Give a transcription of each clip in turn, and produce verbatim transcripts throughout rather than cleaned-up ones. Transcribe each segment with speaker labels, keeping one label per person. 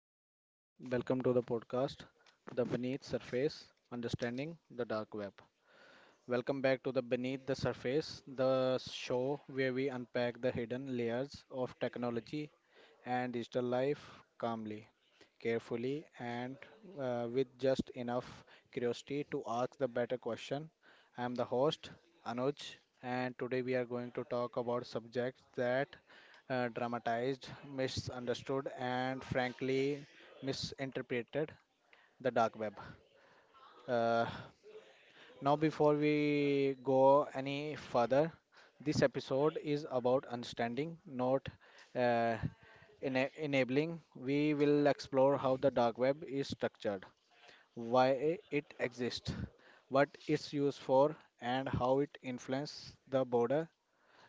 Speaker 1: everyone. Welcome to the podcast, The Beneath Surface Understanding the Dark Web. Welcome back to the Beneath the Surface, the show where we unpack the hidden layers of technology and digital life calmly, carefully, and uh, with just enough curiosity to ask the better question. I am the host, Anuj, and today we are going to talk about subjects that uh, dramatized, misunderstood, and frankly misinterpreted the dark web. Uh, Now, before we go any further, this episode is about understanding, not uh, ena- enabling. We will explore how the dark web is structured, why it exists, what it's used for, and how it influences the border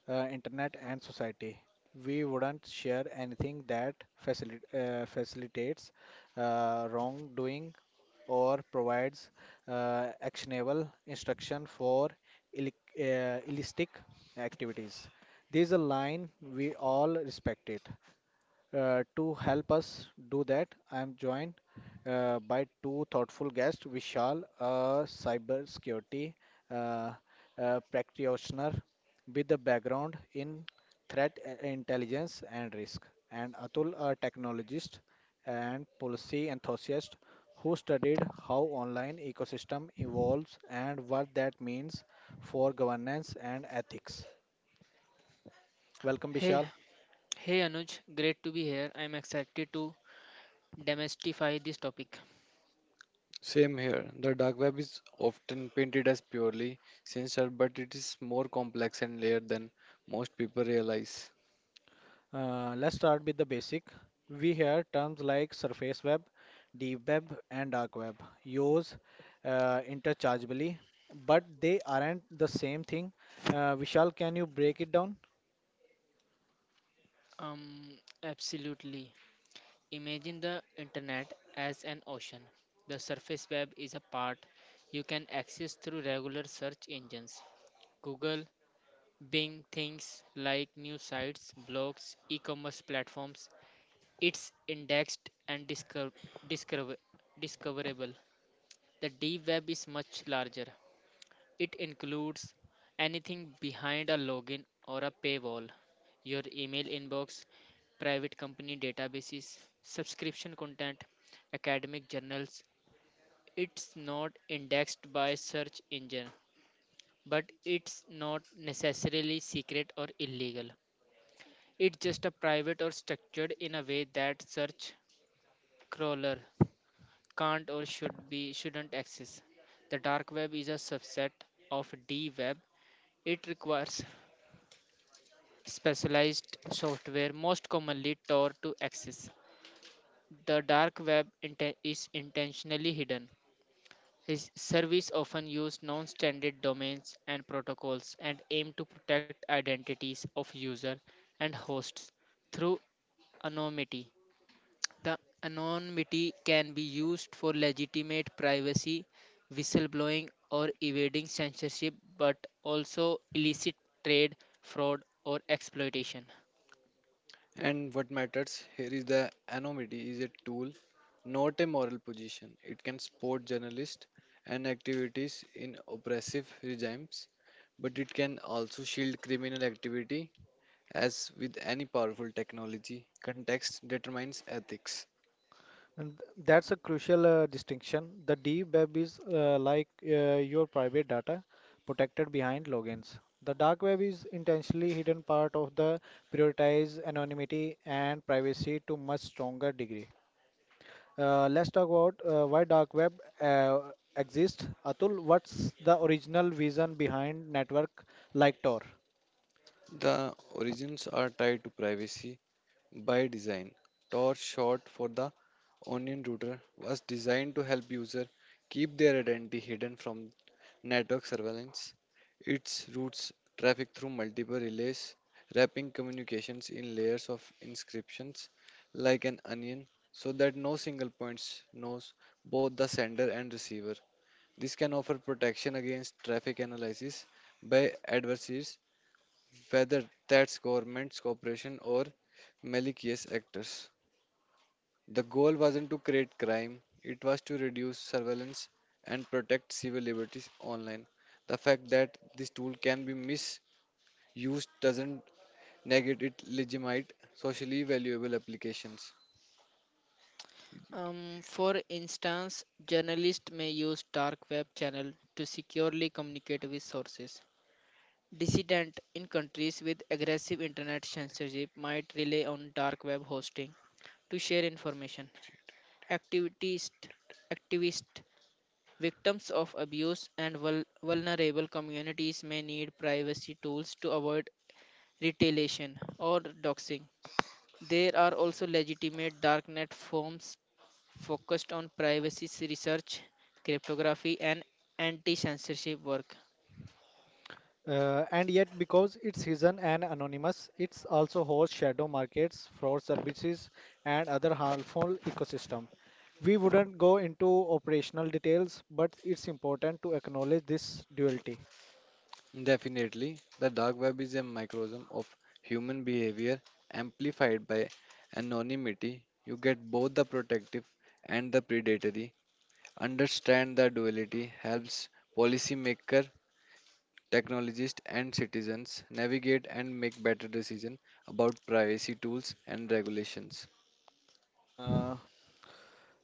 Speaker 1: uh, internet, and society. We wouldn't share anything that facili- uh, facilitates uh, wrongdoing or provides uh, actionable instruction for illic uh, illicit activities. There is a line we all respect it. Uh, to help us do that, I am joined uh, by two thoughtful guests, Vishal, a cybersecurity uh, uh, practitioner with a background in threat uh, intelligence and risk, and Atul, a technologist and policy enthusiast who studied how online ecosystem evolves and what that means for governance and ethics. Welcome,
Speaker 2: Hey,
Speaker 1: Vishal.
Speaker 2: hey Anuj, great to be here. I'm excited to demystify this topic.
Speaker 3: Same here. The dark web is often painted as purely sinister, but it is more complex and layered than most people realize.
Speaker 1: Uh, let's start with the basic. We hear terms like surface web, deep web, and dark web used uh, interchangeably, but they aren't the same thing. Uh, Vishal, can you break it down?
Speaker 2: Um, absolutely. Imagine the internet as an ocean. The surface web is a part you can access through regular search engines. Google, Bing things like news sites, blogs, e-commerce platforms. It's indexed and discover, discover, discoverable. The deep web is much larger. It includes anything behind a login or a paywall, your email inbox, private company databases, subscription content, academic journals. It's not indexed by search engine, but it's not necessarily secret or illegal. It's just a private or structured in a way that search crawler can't or should be shouldn't access. The dark web is a subset of D web. It requires specialized software most commonly taught to access. The dark web inten- is intentionally hidden. His service often use non-standard domains and protocols and aim to protect identities of user and hosts through anonymity. The anonymity can be used for legitimate privacy, whistleblowing, or evading censorship, but also illicit trade, fraud, or exploitation.
Speaker 3: And what matters here is the anonymity is a tool, not a moral position. It can support journalists and activities in oppressive regimes, but it can also shield criminal activity. As with any powerful technology, context determines ethics.
Speaker 1: And th- that's a crucial uh, distinction. The deep web is uh, like uh, your private data protected behind logins. The dark web is intentionally hidden part of the prioritize anonymity and privacy to much stronger degree. Uh, let's talk about uh, why dark web uh, exists. Atul, what's the original vision behind network like Tor?
Speaker 3: The origins are tied to privacy. By design, Torch, short for the Onion Router, was designed to help users keep their identity hidden from network surveillance. It routes traffic through multiple relays, wrapping communications in layers of inscriptions like an onion, so that no single point knows both the sender and receiver. This can offer protection against traffic analysis by adversaries, whether that's governments, corporation, or malicious actors. The goal wasn't to create crime, it was to reduce surveillance and protect civil liberties online. The fact that this tool can be misused doesn't negate its legitimate, socially valuable applications.
Speaker 2: Um, for instance, journalists may use dark web channel to securely communicate with sources. Dissident in countries with aggressive internet censorship might rely on dark web hosting to share information. Activist, activist victims of abuse and vul- vulnerable communities may need privacy tools to avoid retaliation or doxing. There are also legitimate darknet firms focused on privacy research, cryptography, and anti censorship work.
Speaker 1: Uh, and yet, because it's hidden and anonymous, it's also hosts shadow markets, fraud services, and other harmful ecosystem. We wouldn't go into operational details, but it's important to acknowledge this duality.
Speaker 3: Definitely, the dark web is a microcosm of human behavior amplified by anonymity. You get both the protective and the predatory. Understand the duality helps policymaker, technologists, and citizens navigate and make better decisions about privacy tools and regulations.
Speaker 1: Uh,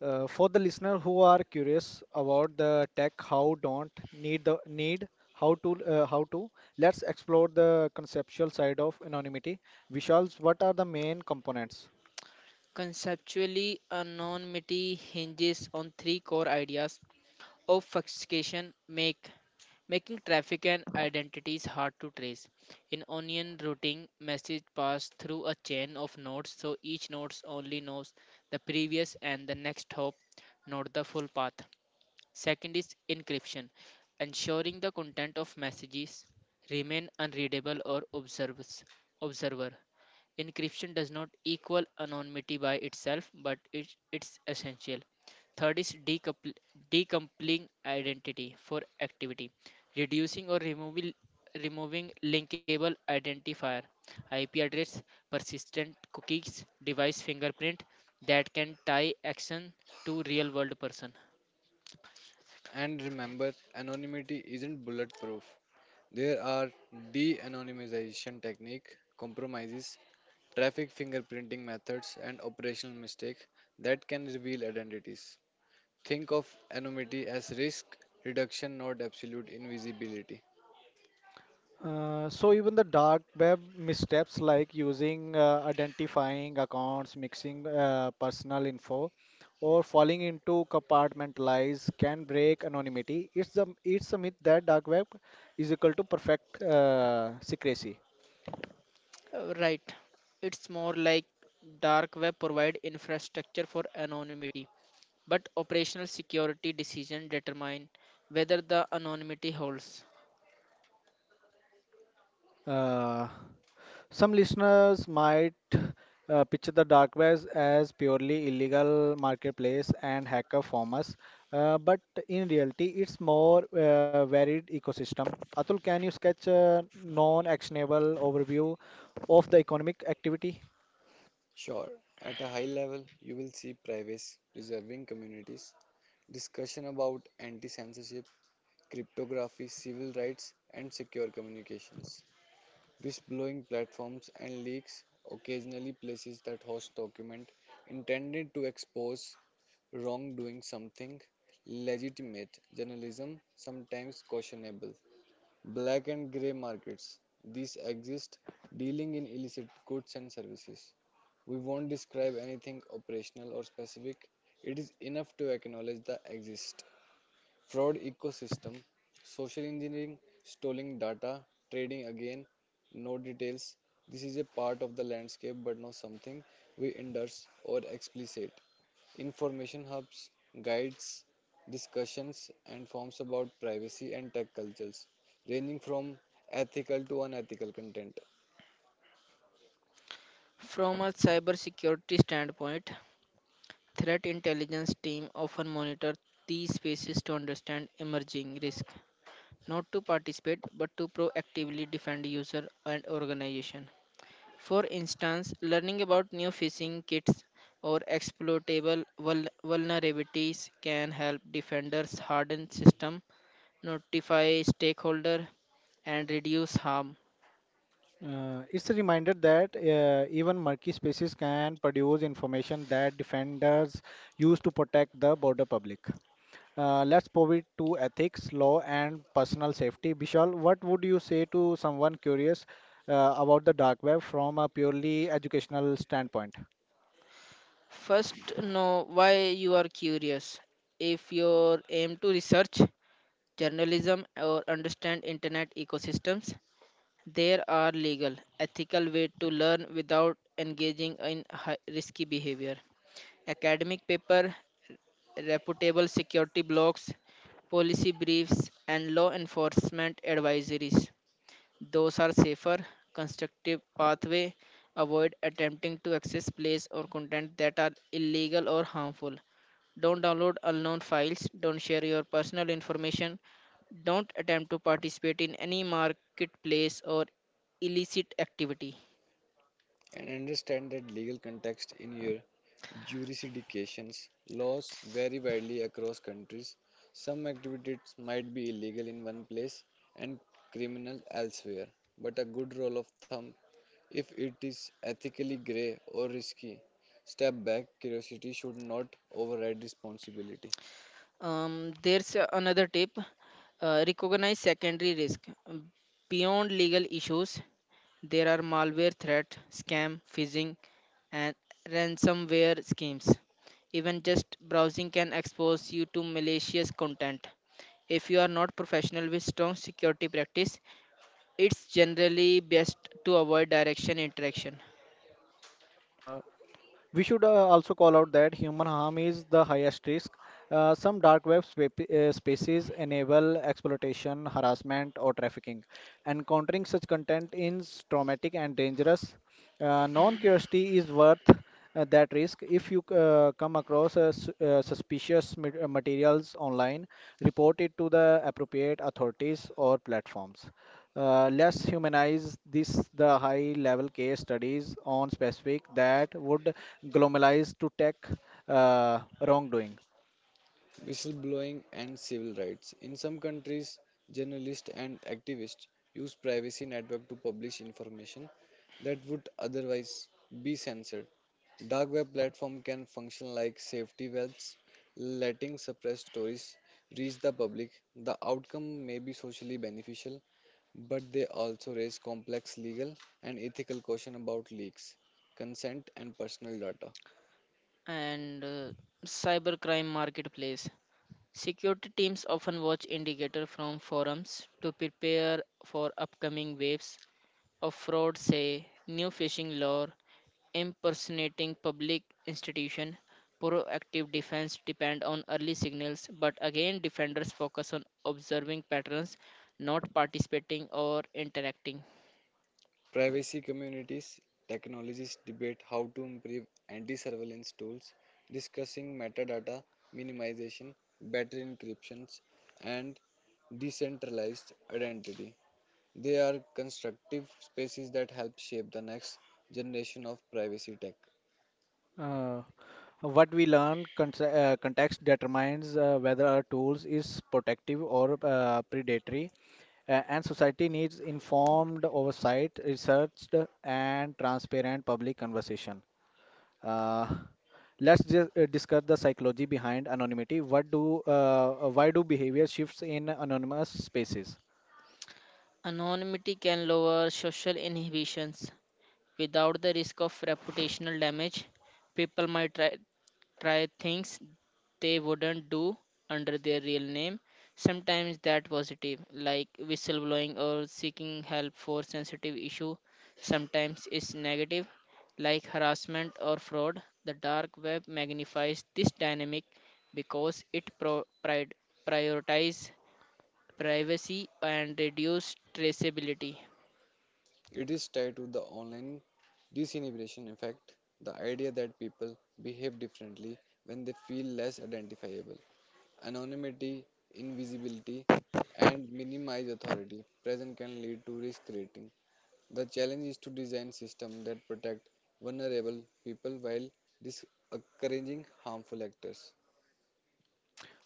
Speaker 1: Uh, for the listener who are curious about the tech, how don't need the need how to uh, how to let's explore the conceptual side of anonymity. Vishal's, what are the main components?
Speaker 2: Conceptually, anonymity hinges on three core ideas obfuscation, make, making traffic and identities hard to trace. In onion routing, messages pass through a chain of nodes, so each node only knows the previous and the next hop, not the full path. Second is encryption, ensuring the content of messages remain unreadable or observes observer. Encryption does not equal anonymity by itself, but it, it's essential. Third is decoupl- decoupling identity for activity, reducing or removing removing linkable identifier, I P address, persistent cookies, device fingerprint that can tie action to real world person.
Speaker 3: And remember, anonymity isn't bulletproof. There are de-anonymization technique, compromises, traffic fingerprinting methods, and operational mistakes that can reveal identities. Think of anonymity as risk reduction, not absolute invisibility.
Speaker 1: Uh, so even the dark web missteps like using uh, identifying accounts, mixing uh, personal info, or falling into compartmentalize can break anonymity. It's the it's a myth that dark web is equal to perfect uh, secrecy.
Speaker 2: Uh, Right. It's more like dark web provide infrastructure for anonymity, but operational security decision determine whether the anonymity holds.
Speaker 1: Uh, Some listeners might uh, picture the dark web as purely illegal marketplace and hacker farmers, uh, but in reality, it's more uh, varied ecosystem. Atul, can you sketch a non-actionable overview of the economic activity?
Speaker 3: Sure, at a high level, you will see privacy preserving communities, discussion about anti censorship, cryptography, civil rights, and secure communications. Whistleblowing platforms and leaks, occasionally places that host document intended to expose wrongdoing, something legitimate, journalism sometimes questionable, black and grey markets. These exist dealing in illicit goods and services. We won't describe anything operational or specific, it is enough to acknowledge the exist fraud ecosystem, social engineering, stolen data, trading again, no details. This is a part of the landscape but not something we endorse or explicit. Information hubs, guides, discussions, and forums about privacy and tech cultures, ranging from ethical to unethical content.
Speaker 2: From a cybersecurity standpoint, threat intelligence team often monitor these spaces to understand emerging risk, not to participate but to proactively defend user and organization. For instance, learning about new phishing kits or exploitable vul- vulnerabilities can help defenders harden system, notify stakeholder, and reduce harm.
Speaker 1: Uh, it's a reminder that uh, even murky spaces can produce information that defenders use to protect the border public. Uh, let's pivot to ethics, law, and personal safety. Bishal, what would you say to someone curious uh, about the dark web from a purely educational standpoint?
Speaker 2: First, know why you are curious. If your aim to research, journalism, or understand internet ecosystems, there are legal, ethical way to learn without engaging in hi- risky behavior. Academic paper reputable security blogs, policy briefs, and law enforcement advisories. Those are safer, constructive pathway. Avoid attempting to access plays or content that are illegal or harmful. Don't download unknown files. Don't share your personal information. Don't attempt to participate in any marketplace or illicit activity.
Speaker 3: And understand that legal context in your jurisdictions. Laws vary widely across countries. Some activities might be illegal in one place and criminal elsewhere, but a good rule of thumb, if it is ethically gray or risky, step back. Curiosity should not override responsibility.
Speaker 2: Um, there's uh, another tip, uh, recognize secondary risk Um, beyond legal issues. There are malware threats, scam, phishing, and ransomware schemes. Even just browsing can expose you to malicious content. If you are not professional with strong security practice, it's generally best to avoid direction interaction.
Speaker 1: Uh, we should uh, also call out that human harm is the highest risk. Uh, some dark web spa- uh, spaces enable exploitation, harassment, or trafficking. Encountering such content is traumatic and dangerous. Uh, non-curiosity is worth uh, that risk. If you uh, come across a s- uh, suspicious mat- uh, materials online, report it to the appropriate authorities or platforms. Uh, let's humanize this the high-level case studies on specific that would globalize to tech uh, wrongdoing.
Speaker 3: Whistleblowing and civil rights. In some countries, journalists and activists use privacy network to publish information that would otherwise be censored. Dark web platform can function like safety valves, letting suppressed stories reach the public. The outcome may be socially beneficial, but they also raise complex legal and ethical questions about leaks, consent, and personal data.
Speaker 2: And uh, Cybercrime marketplace. Security teams often watch indicator from forums to prepare for upcoming waves of fraud, say new phishing lure impersonating public institution, proactive defense depend on early signals, but again defenders focus on observing patterns, not participating or interacting.
Speaker 3: Privacy communities, technologists debate how to improve anti surveillance tools, discussing metadata minimization, better encryptions, and decentralized identity. They are constructive spaces that help shape the next generation of privacy tech.
Speaker 1: Uh, what we learn, cont- uh, context determines uh, whether our tools is protective or uh, predatory. A- and society needs informed oversight, researched and transparent public conversation. Uh, let's just uh, discuss the psychology behind anonymity. What do uh, uh, why do behavior shifts in anonymous spaces?
Speaker 2: Anonymity can lower social inhibitions without the risk of reputational damage. People might try, try things they wouldn't do under their real name, sometimes that positive, like whistleblowing or seeking help for sensitive issue, sometimes it's negative, like harassment or fraud. The dark web magnifies this dynamic because it pro- pri- prioritizes privacy and reduce traceability.
Speaker 3: It is tied to the online disinhibition effect, the idea that people behave differently when they feel less identifiable. Anonymity, invisibility, and minimize authority present can lead to risk creating. The challenge is to design systems that protect vulnerable people while discouraging harmful actors.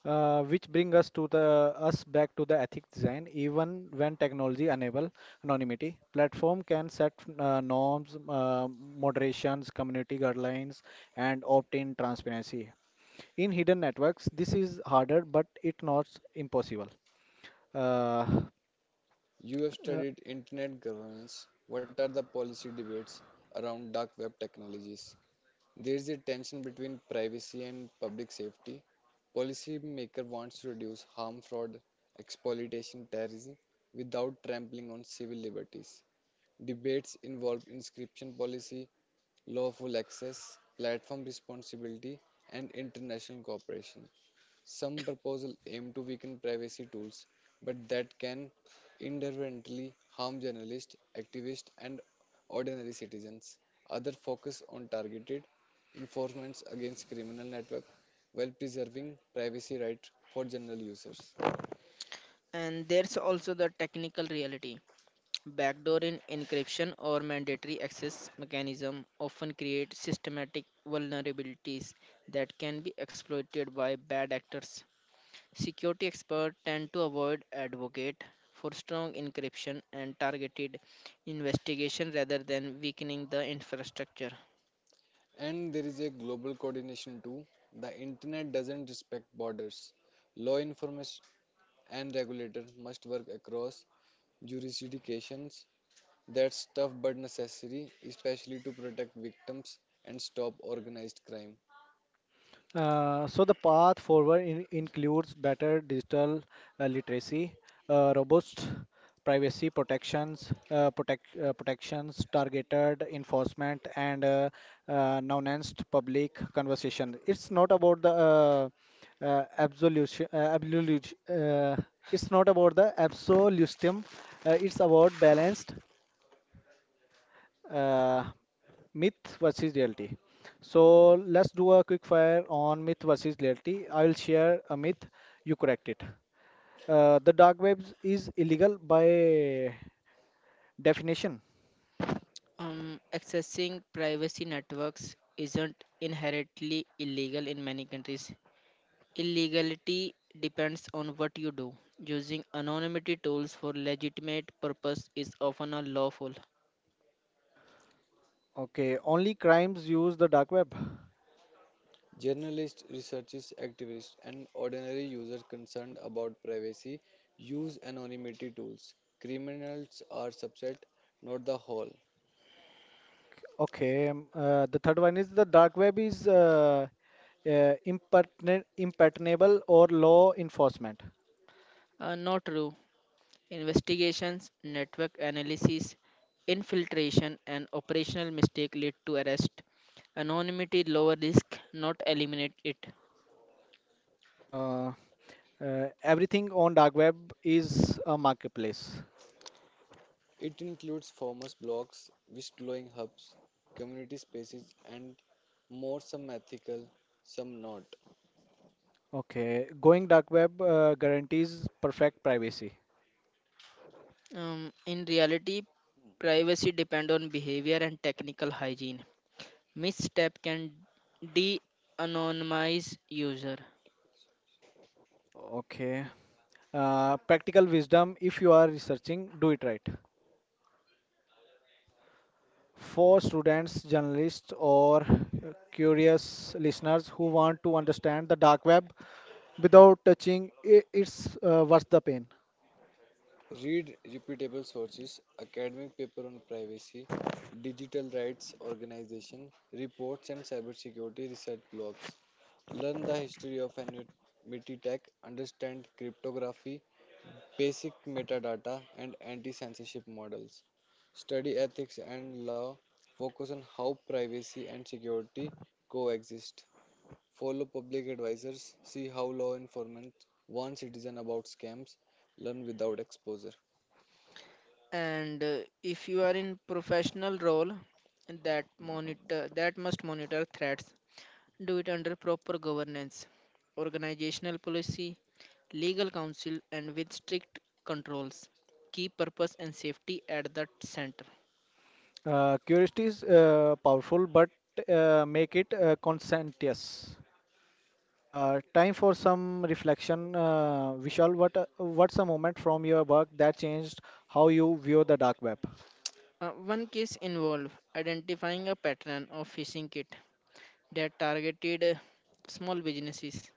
Speaker 1: Uh, which bring us to the us back to the ethics design. Even when technology enable anonymity, platform can set uh, norms, uh, moderations, community guidelines, and opt-in transparency. In hidden networks, this is harder, but it's not impossible. Uh,
Speaker 3: You have
Speaker 1: uh,
Speaker 3: studied internet governance. What are the policy debates around dark web technologies? There is a tension between privacy and public safety. Policymaker wants to reduce harm, fraud, exploitation, terrorism without trampling on civil liberties. Debates involved inscription policy, lawful access, platform responsibility, and international cooperation. Some proposals aim to weaken privacy tools, but that can inadvertently harm journalists, activists, and ordinary citizens. Others focus on targeted enforcements against criminal networks while preserving privacy rights for general users.
Speaker 2: And there's also the technical reality. Backdoor in encryption or mandatory access mechanism often create systematic vulnerabilities that can be exploited by bad actors. Security experts tend to avoid advocate for strong encryption and targeted investigation rather than weakening the infrastructure.
Speaker 3: And there is a global coordination too. The internet doesn't respect borders. Law enforcement and regulator must work across jurisdictions. That's tough but necessary, especially to protect victims and stop organized crime.
Speaker 1: Uh, so the path forward in, includes better digital uh, literacy, uh, robust privacy protections, uh, protect, uh, protections, targeted enforcement, and uh, uh, nuanced public conversation. It's not about the uh, uh, absolution, uh, absolute, uh, it's not about the absolutism. Uh, it's about balanced uh, myth versus reality. So let's do a quick fire on myth versus reality. I will share a myth, you correct it. Uh, the dark webs is illegal by definition.
Speaker 2: Um, accessing privacy networks isn't inherently illegal in many countries. Illegality depends on what you do. Using anonymity tools for legitimate purpose is often unlawful.
Speaker 1: Okay, only crimes use the dark web.
Speaker 3: Journalists, researchers, activists, and ordinary users concerned about privacy use anonymity tools. Criminals are subset, not the whole.
Speaker 1: Okay, okay. Um, Uh, the third one is the dark web is uh, uh, impertinent, impertinable or law enforcement.
Speaker 2: Uh, not true. Investigations, network analysis, infiltration, and operational mistake lead to arrest. Anonymity lower risk, not eliminate it.
Speaker 1: Uh, uh, everything on dark web is a marketplace.
Speaker 3: It includes farmers' blocks, whistleblowing hubs, community spaces, and more, some ethical, some not.
Speaker 1: Okay, going dark web uh, guarantees perfect privacy.
Speaker 2: Um, in reality, privacy depend on behavior and technical hygiene. Misstep can de-anonymize user.
Speaker 1: Okay, uh, practical wisdom if you are researching, do it right. Uh, for students, journalists, or uh, curious listeners who want to understand the dark web without touching I it's uh, worth the pain.
Speaker 3: Read reputable sources, academic paper on privacy, digital rights organization, reports and cybersecurity research blogs. Learn the history of anonymity tech, understand cryptography, basic metadata and anti-censorship models, study ethics and law, focus on how privacy and security coexist, follow public advisors, see how law enforcement warns citizens about scams, learn without exposure.
Speaker 2: And uh, if you are in professional role that monitor that must monitor threats, do it under proper governance, organizational policy, legal counsel, and with strict controls, keep purpose and safety at the center.
Speaker 1: Uh, curiosity is uh, powerful, but uh, make it uh, conscientious. Uh, time for some reflection. Uh, Vishal, what uh, what's a moment from your work that changed how you view the dark web?
Speaker 2: Uh, one case involved identifying a pattern of phishing kit that targeted uh, small businesses,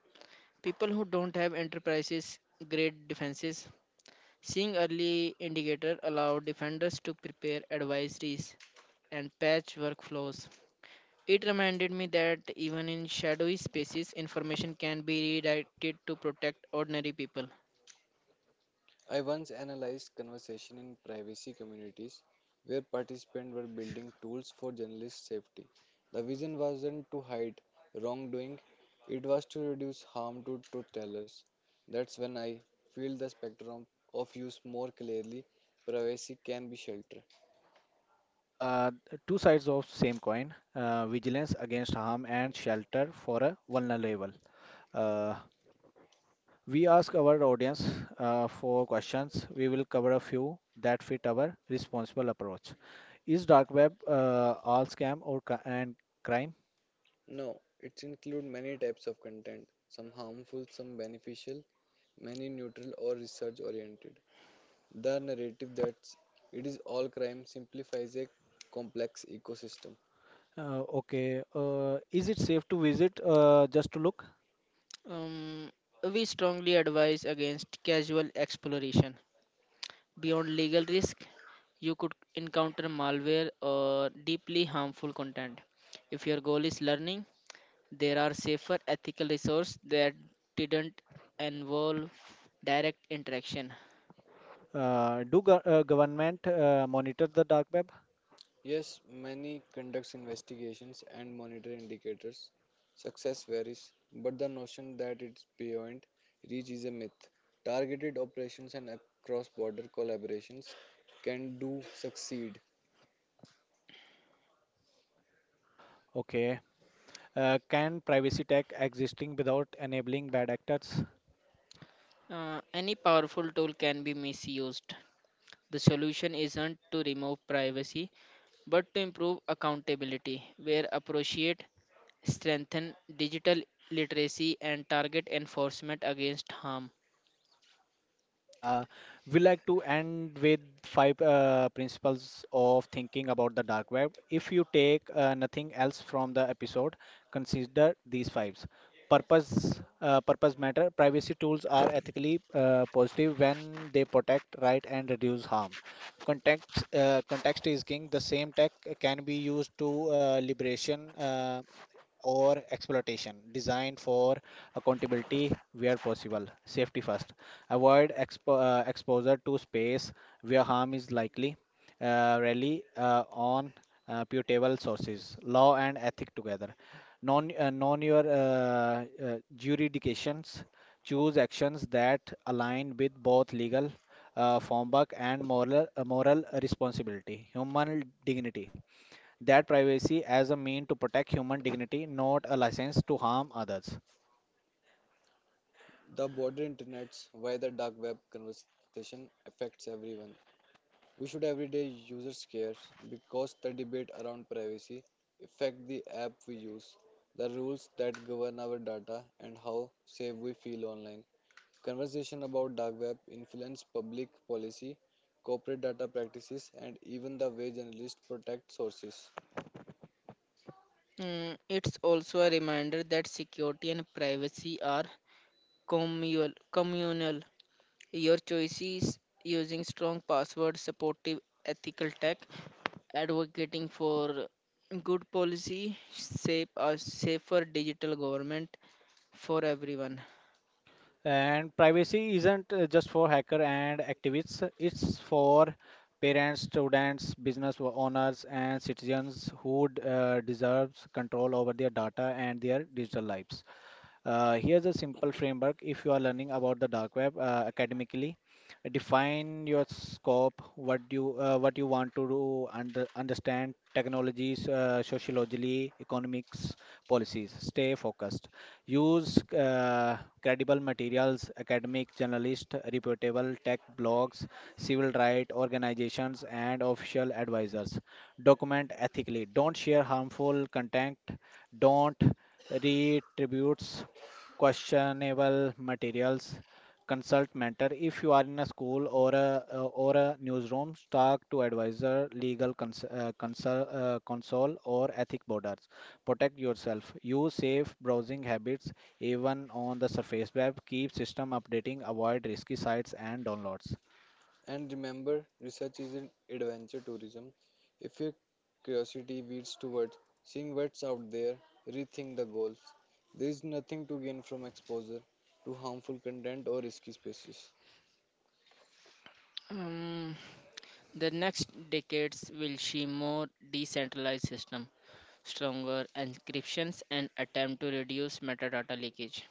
Speaker 2: people who don't have enterprises grade defenses. Seeing early indicator allowed defenders to prepare advisories and patch workflows. It reminded me that even in shadowy spaces, information can be redirected to protect ordinary people.
Speaker 3: I once analyzed conversation in privacy communities where participants were building tools for journalist safety. The vision wasn't to hide wrongdoing, it was to reduce harm to truth tellers. That's when I feel the spectrum of use more clearly. Privacy can be shelter.
Speaker 1: Uh, Two sides of same coin: uh, vigilance against harm and shelter for a vulnerable. Uh, we ask our audience uh, for questions. We will cover a few that fit our responsible approach. Is dark web uh, all scam or cri- and crime?
Speaker 3: No, it includes many types of content, some harmful, some beneficial, many neutral or research oriented. The narrative that it is all crime simplifies a complex ecosystem.
Speaker 1: Uh, okay. Uh, is it safe to visit uh, just to look?
Speaker 2: Um, we strongly advise against casual exploration. Beyond legal risk, you could encounter malware or deeply harmful content. If your goal is learning, there are safer ethical resources that didn't involve direct interaction.
Speaker 1: Uh, do go- uh, government uh, monitor the dark web?
Speaker 3: Yes, many conducts investigations and monitor indicators. Success varies, but the notion that it's beyond reach is a myth. Targeted operations and cross border collaborations can do succeed.
Speaker 1: Okay. Uh, can privacy tech existing without enabling bad actors?
Speaker 2: Uh, any powerful tool can be misused. The solution isn't to remove privacy, but to improve accountability where appropriate, strengthen digital literacy, and target enforcement against harm.
Speaker 1: Uh, we like to end with five uh, principles of thinking about the dark web. If you take uh, nothing else from the episode, consider these fives. Purpose, uh, purpose matter. Privacy tools are ethically uh, positive when they protect right and reduce harm. Context, uh, context is king. The same tech can be used to uh, liberation. Uh, or exploitation designed for accountability where possible safety first avoid expo- uh, exposure to space where harm is likely uh, rely uh, on uh, putable sources law and ethic together non uh, non your uh, uh, jurisdictions choose actions that align with both legal uh, framework and moral uh, moral responsibility human dignity that privacy as a mean to protect human dignity, not a license to harm others.
Speaker 3: The border internets, why the dark web conversation affects everyone. We should everyday users care because the debate around privacy affect the app we use, the rules that govern our data and how safe we feel online. Conversation about dark web influence public policy, corporate data practices and even the way journalists protect sources.
Speaker 2: Mm, it's also a reminder that security and privacy are communal. communal. Your choices using strong passwords, supportive ethical tech, advocating for good policy, shape a safer digital government for everyone.
Speaker 1: And privacy isn't uh, just for hacker and activists, it's for parents, students, business owners, and citizens who d- uh, deserves control over their data and their digital lives. Uh, here's a simple framework if you are learning about the dark web uh, academically. Define your scope, what you uh, what you want to do, under, understand technologies, uh, sociology, economics, policies. Stay focused. Use uh, credible materials, academic, journalist, reputable tech blogs, civil rights organizations, and official advisors. Document ethically. Don't share harmful content. Don't read tributes questionable materials. Consult mentor if you are in a school or a uh, or a newsroom. Talk to advisor, legal cons- uh, consult uh, console or ethic borders. Protect yourself. Use safe browsing habits even on the surface web. Keep system updating. Avoid risky sites and downloads.
Speaker 3: And remember, research isn't adventure tourism. If your curiosity leads towards seeing what's out there, rethink the goals. There is nothing to gain from exposure to harmful content or risky species.
Speaker 2: Um, the next decades will see more decentralized system, stronger encryptions, and attempt to reduce metadata leakage.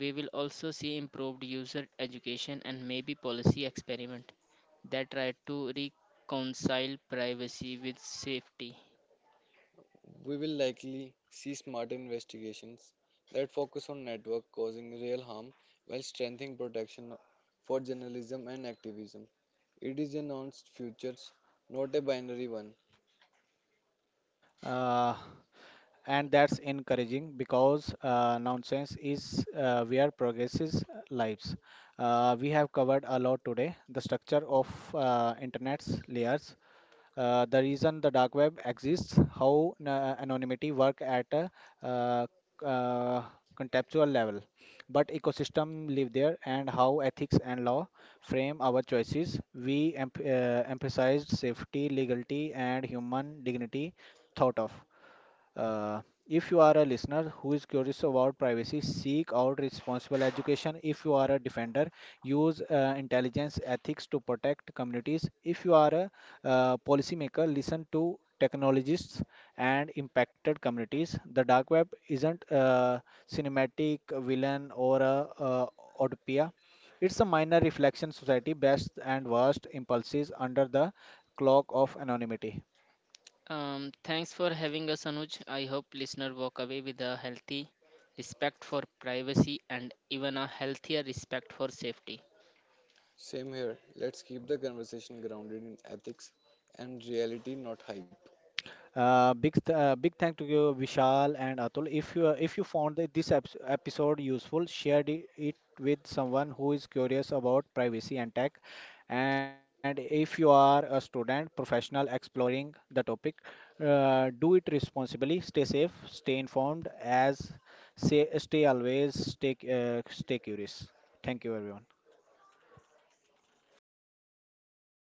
Speaker 2: We will also see improved user education and maybe policy experiment that try to reconcile privacy with safety.
Speaker 3: We will likely see smarter investigations that focus on network causing real harm while strengthening protection for journalism and activism. It is a nuanced future, not a binary one.
Speaker 1: Uh, and that's encouraging because uh, nonsense is uh, where progress is uh, lives. Uh, we have covered a lot today: the structure of uh, internet's layers, uh, the reason the dark web exists, how na- anonymity work at a uh, uh, contextual level, but ecosystem live there, and how ethics and law frame our choices. We em- uh, emphasized safety, legality, and human dignity thought of. Uh, if you are a listener who is curious about privacy, seek out responsible education. If you are a defender, use uh, intelligence ethics to protect communities. If you are a uh, policymaker, listen to technologists and impacted communities. The dark web isn't a cinematic villain or a uh, utopia. It's a minor reflection society, best and worst impulses under the cloak of anonymity.
Speaker 2: Um, thanks for having us, Anuj. I hope listener walk away with a healthy respect for privacy and even a healthier respect for safety.
Speaker 3: Same here. Let's keep the conversation grounded in ethics and reality, not hype.
Speaker 1: Uh, big th- uh, big thank to you, Vishal and Atul. If you uh, if you found that this eps episode useful, share it, it with someone who is curious about privacy and tech. And if you are a student, professional exploring the topic, uh, do it responsibly. Stay safe, stay informed. As say, stay always stay c- uh, stay curious. Thank you, everyone.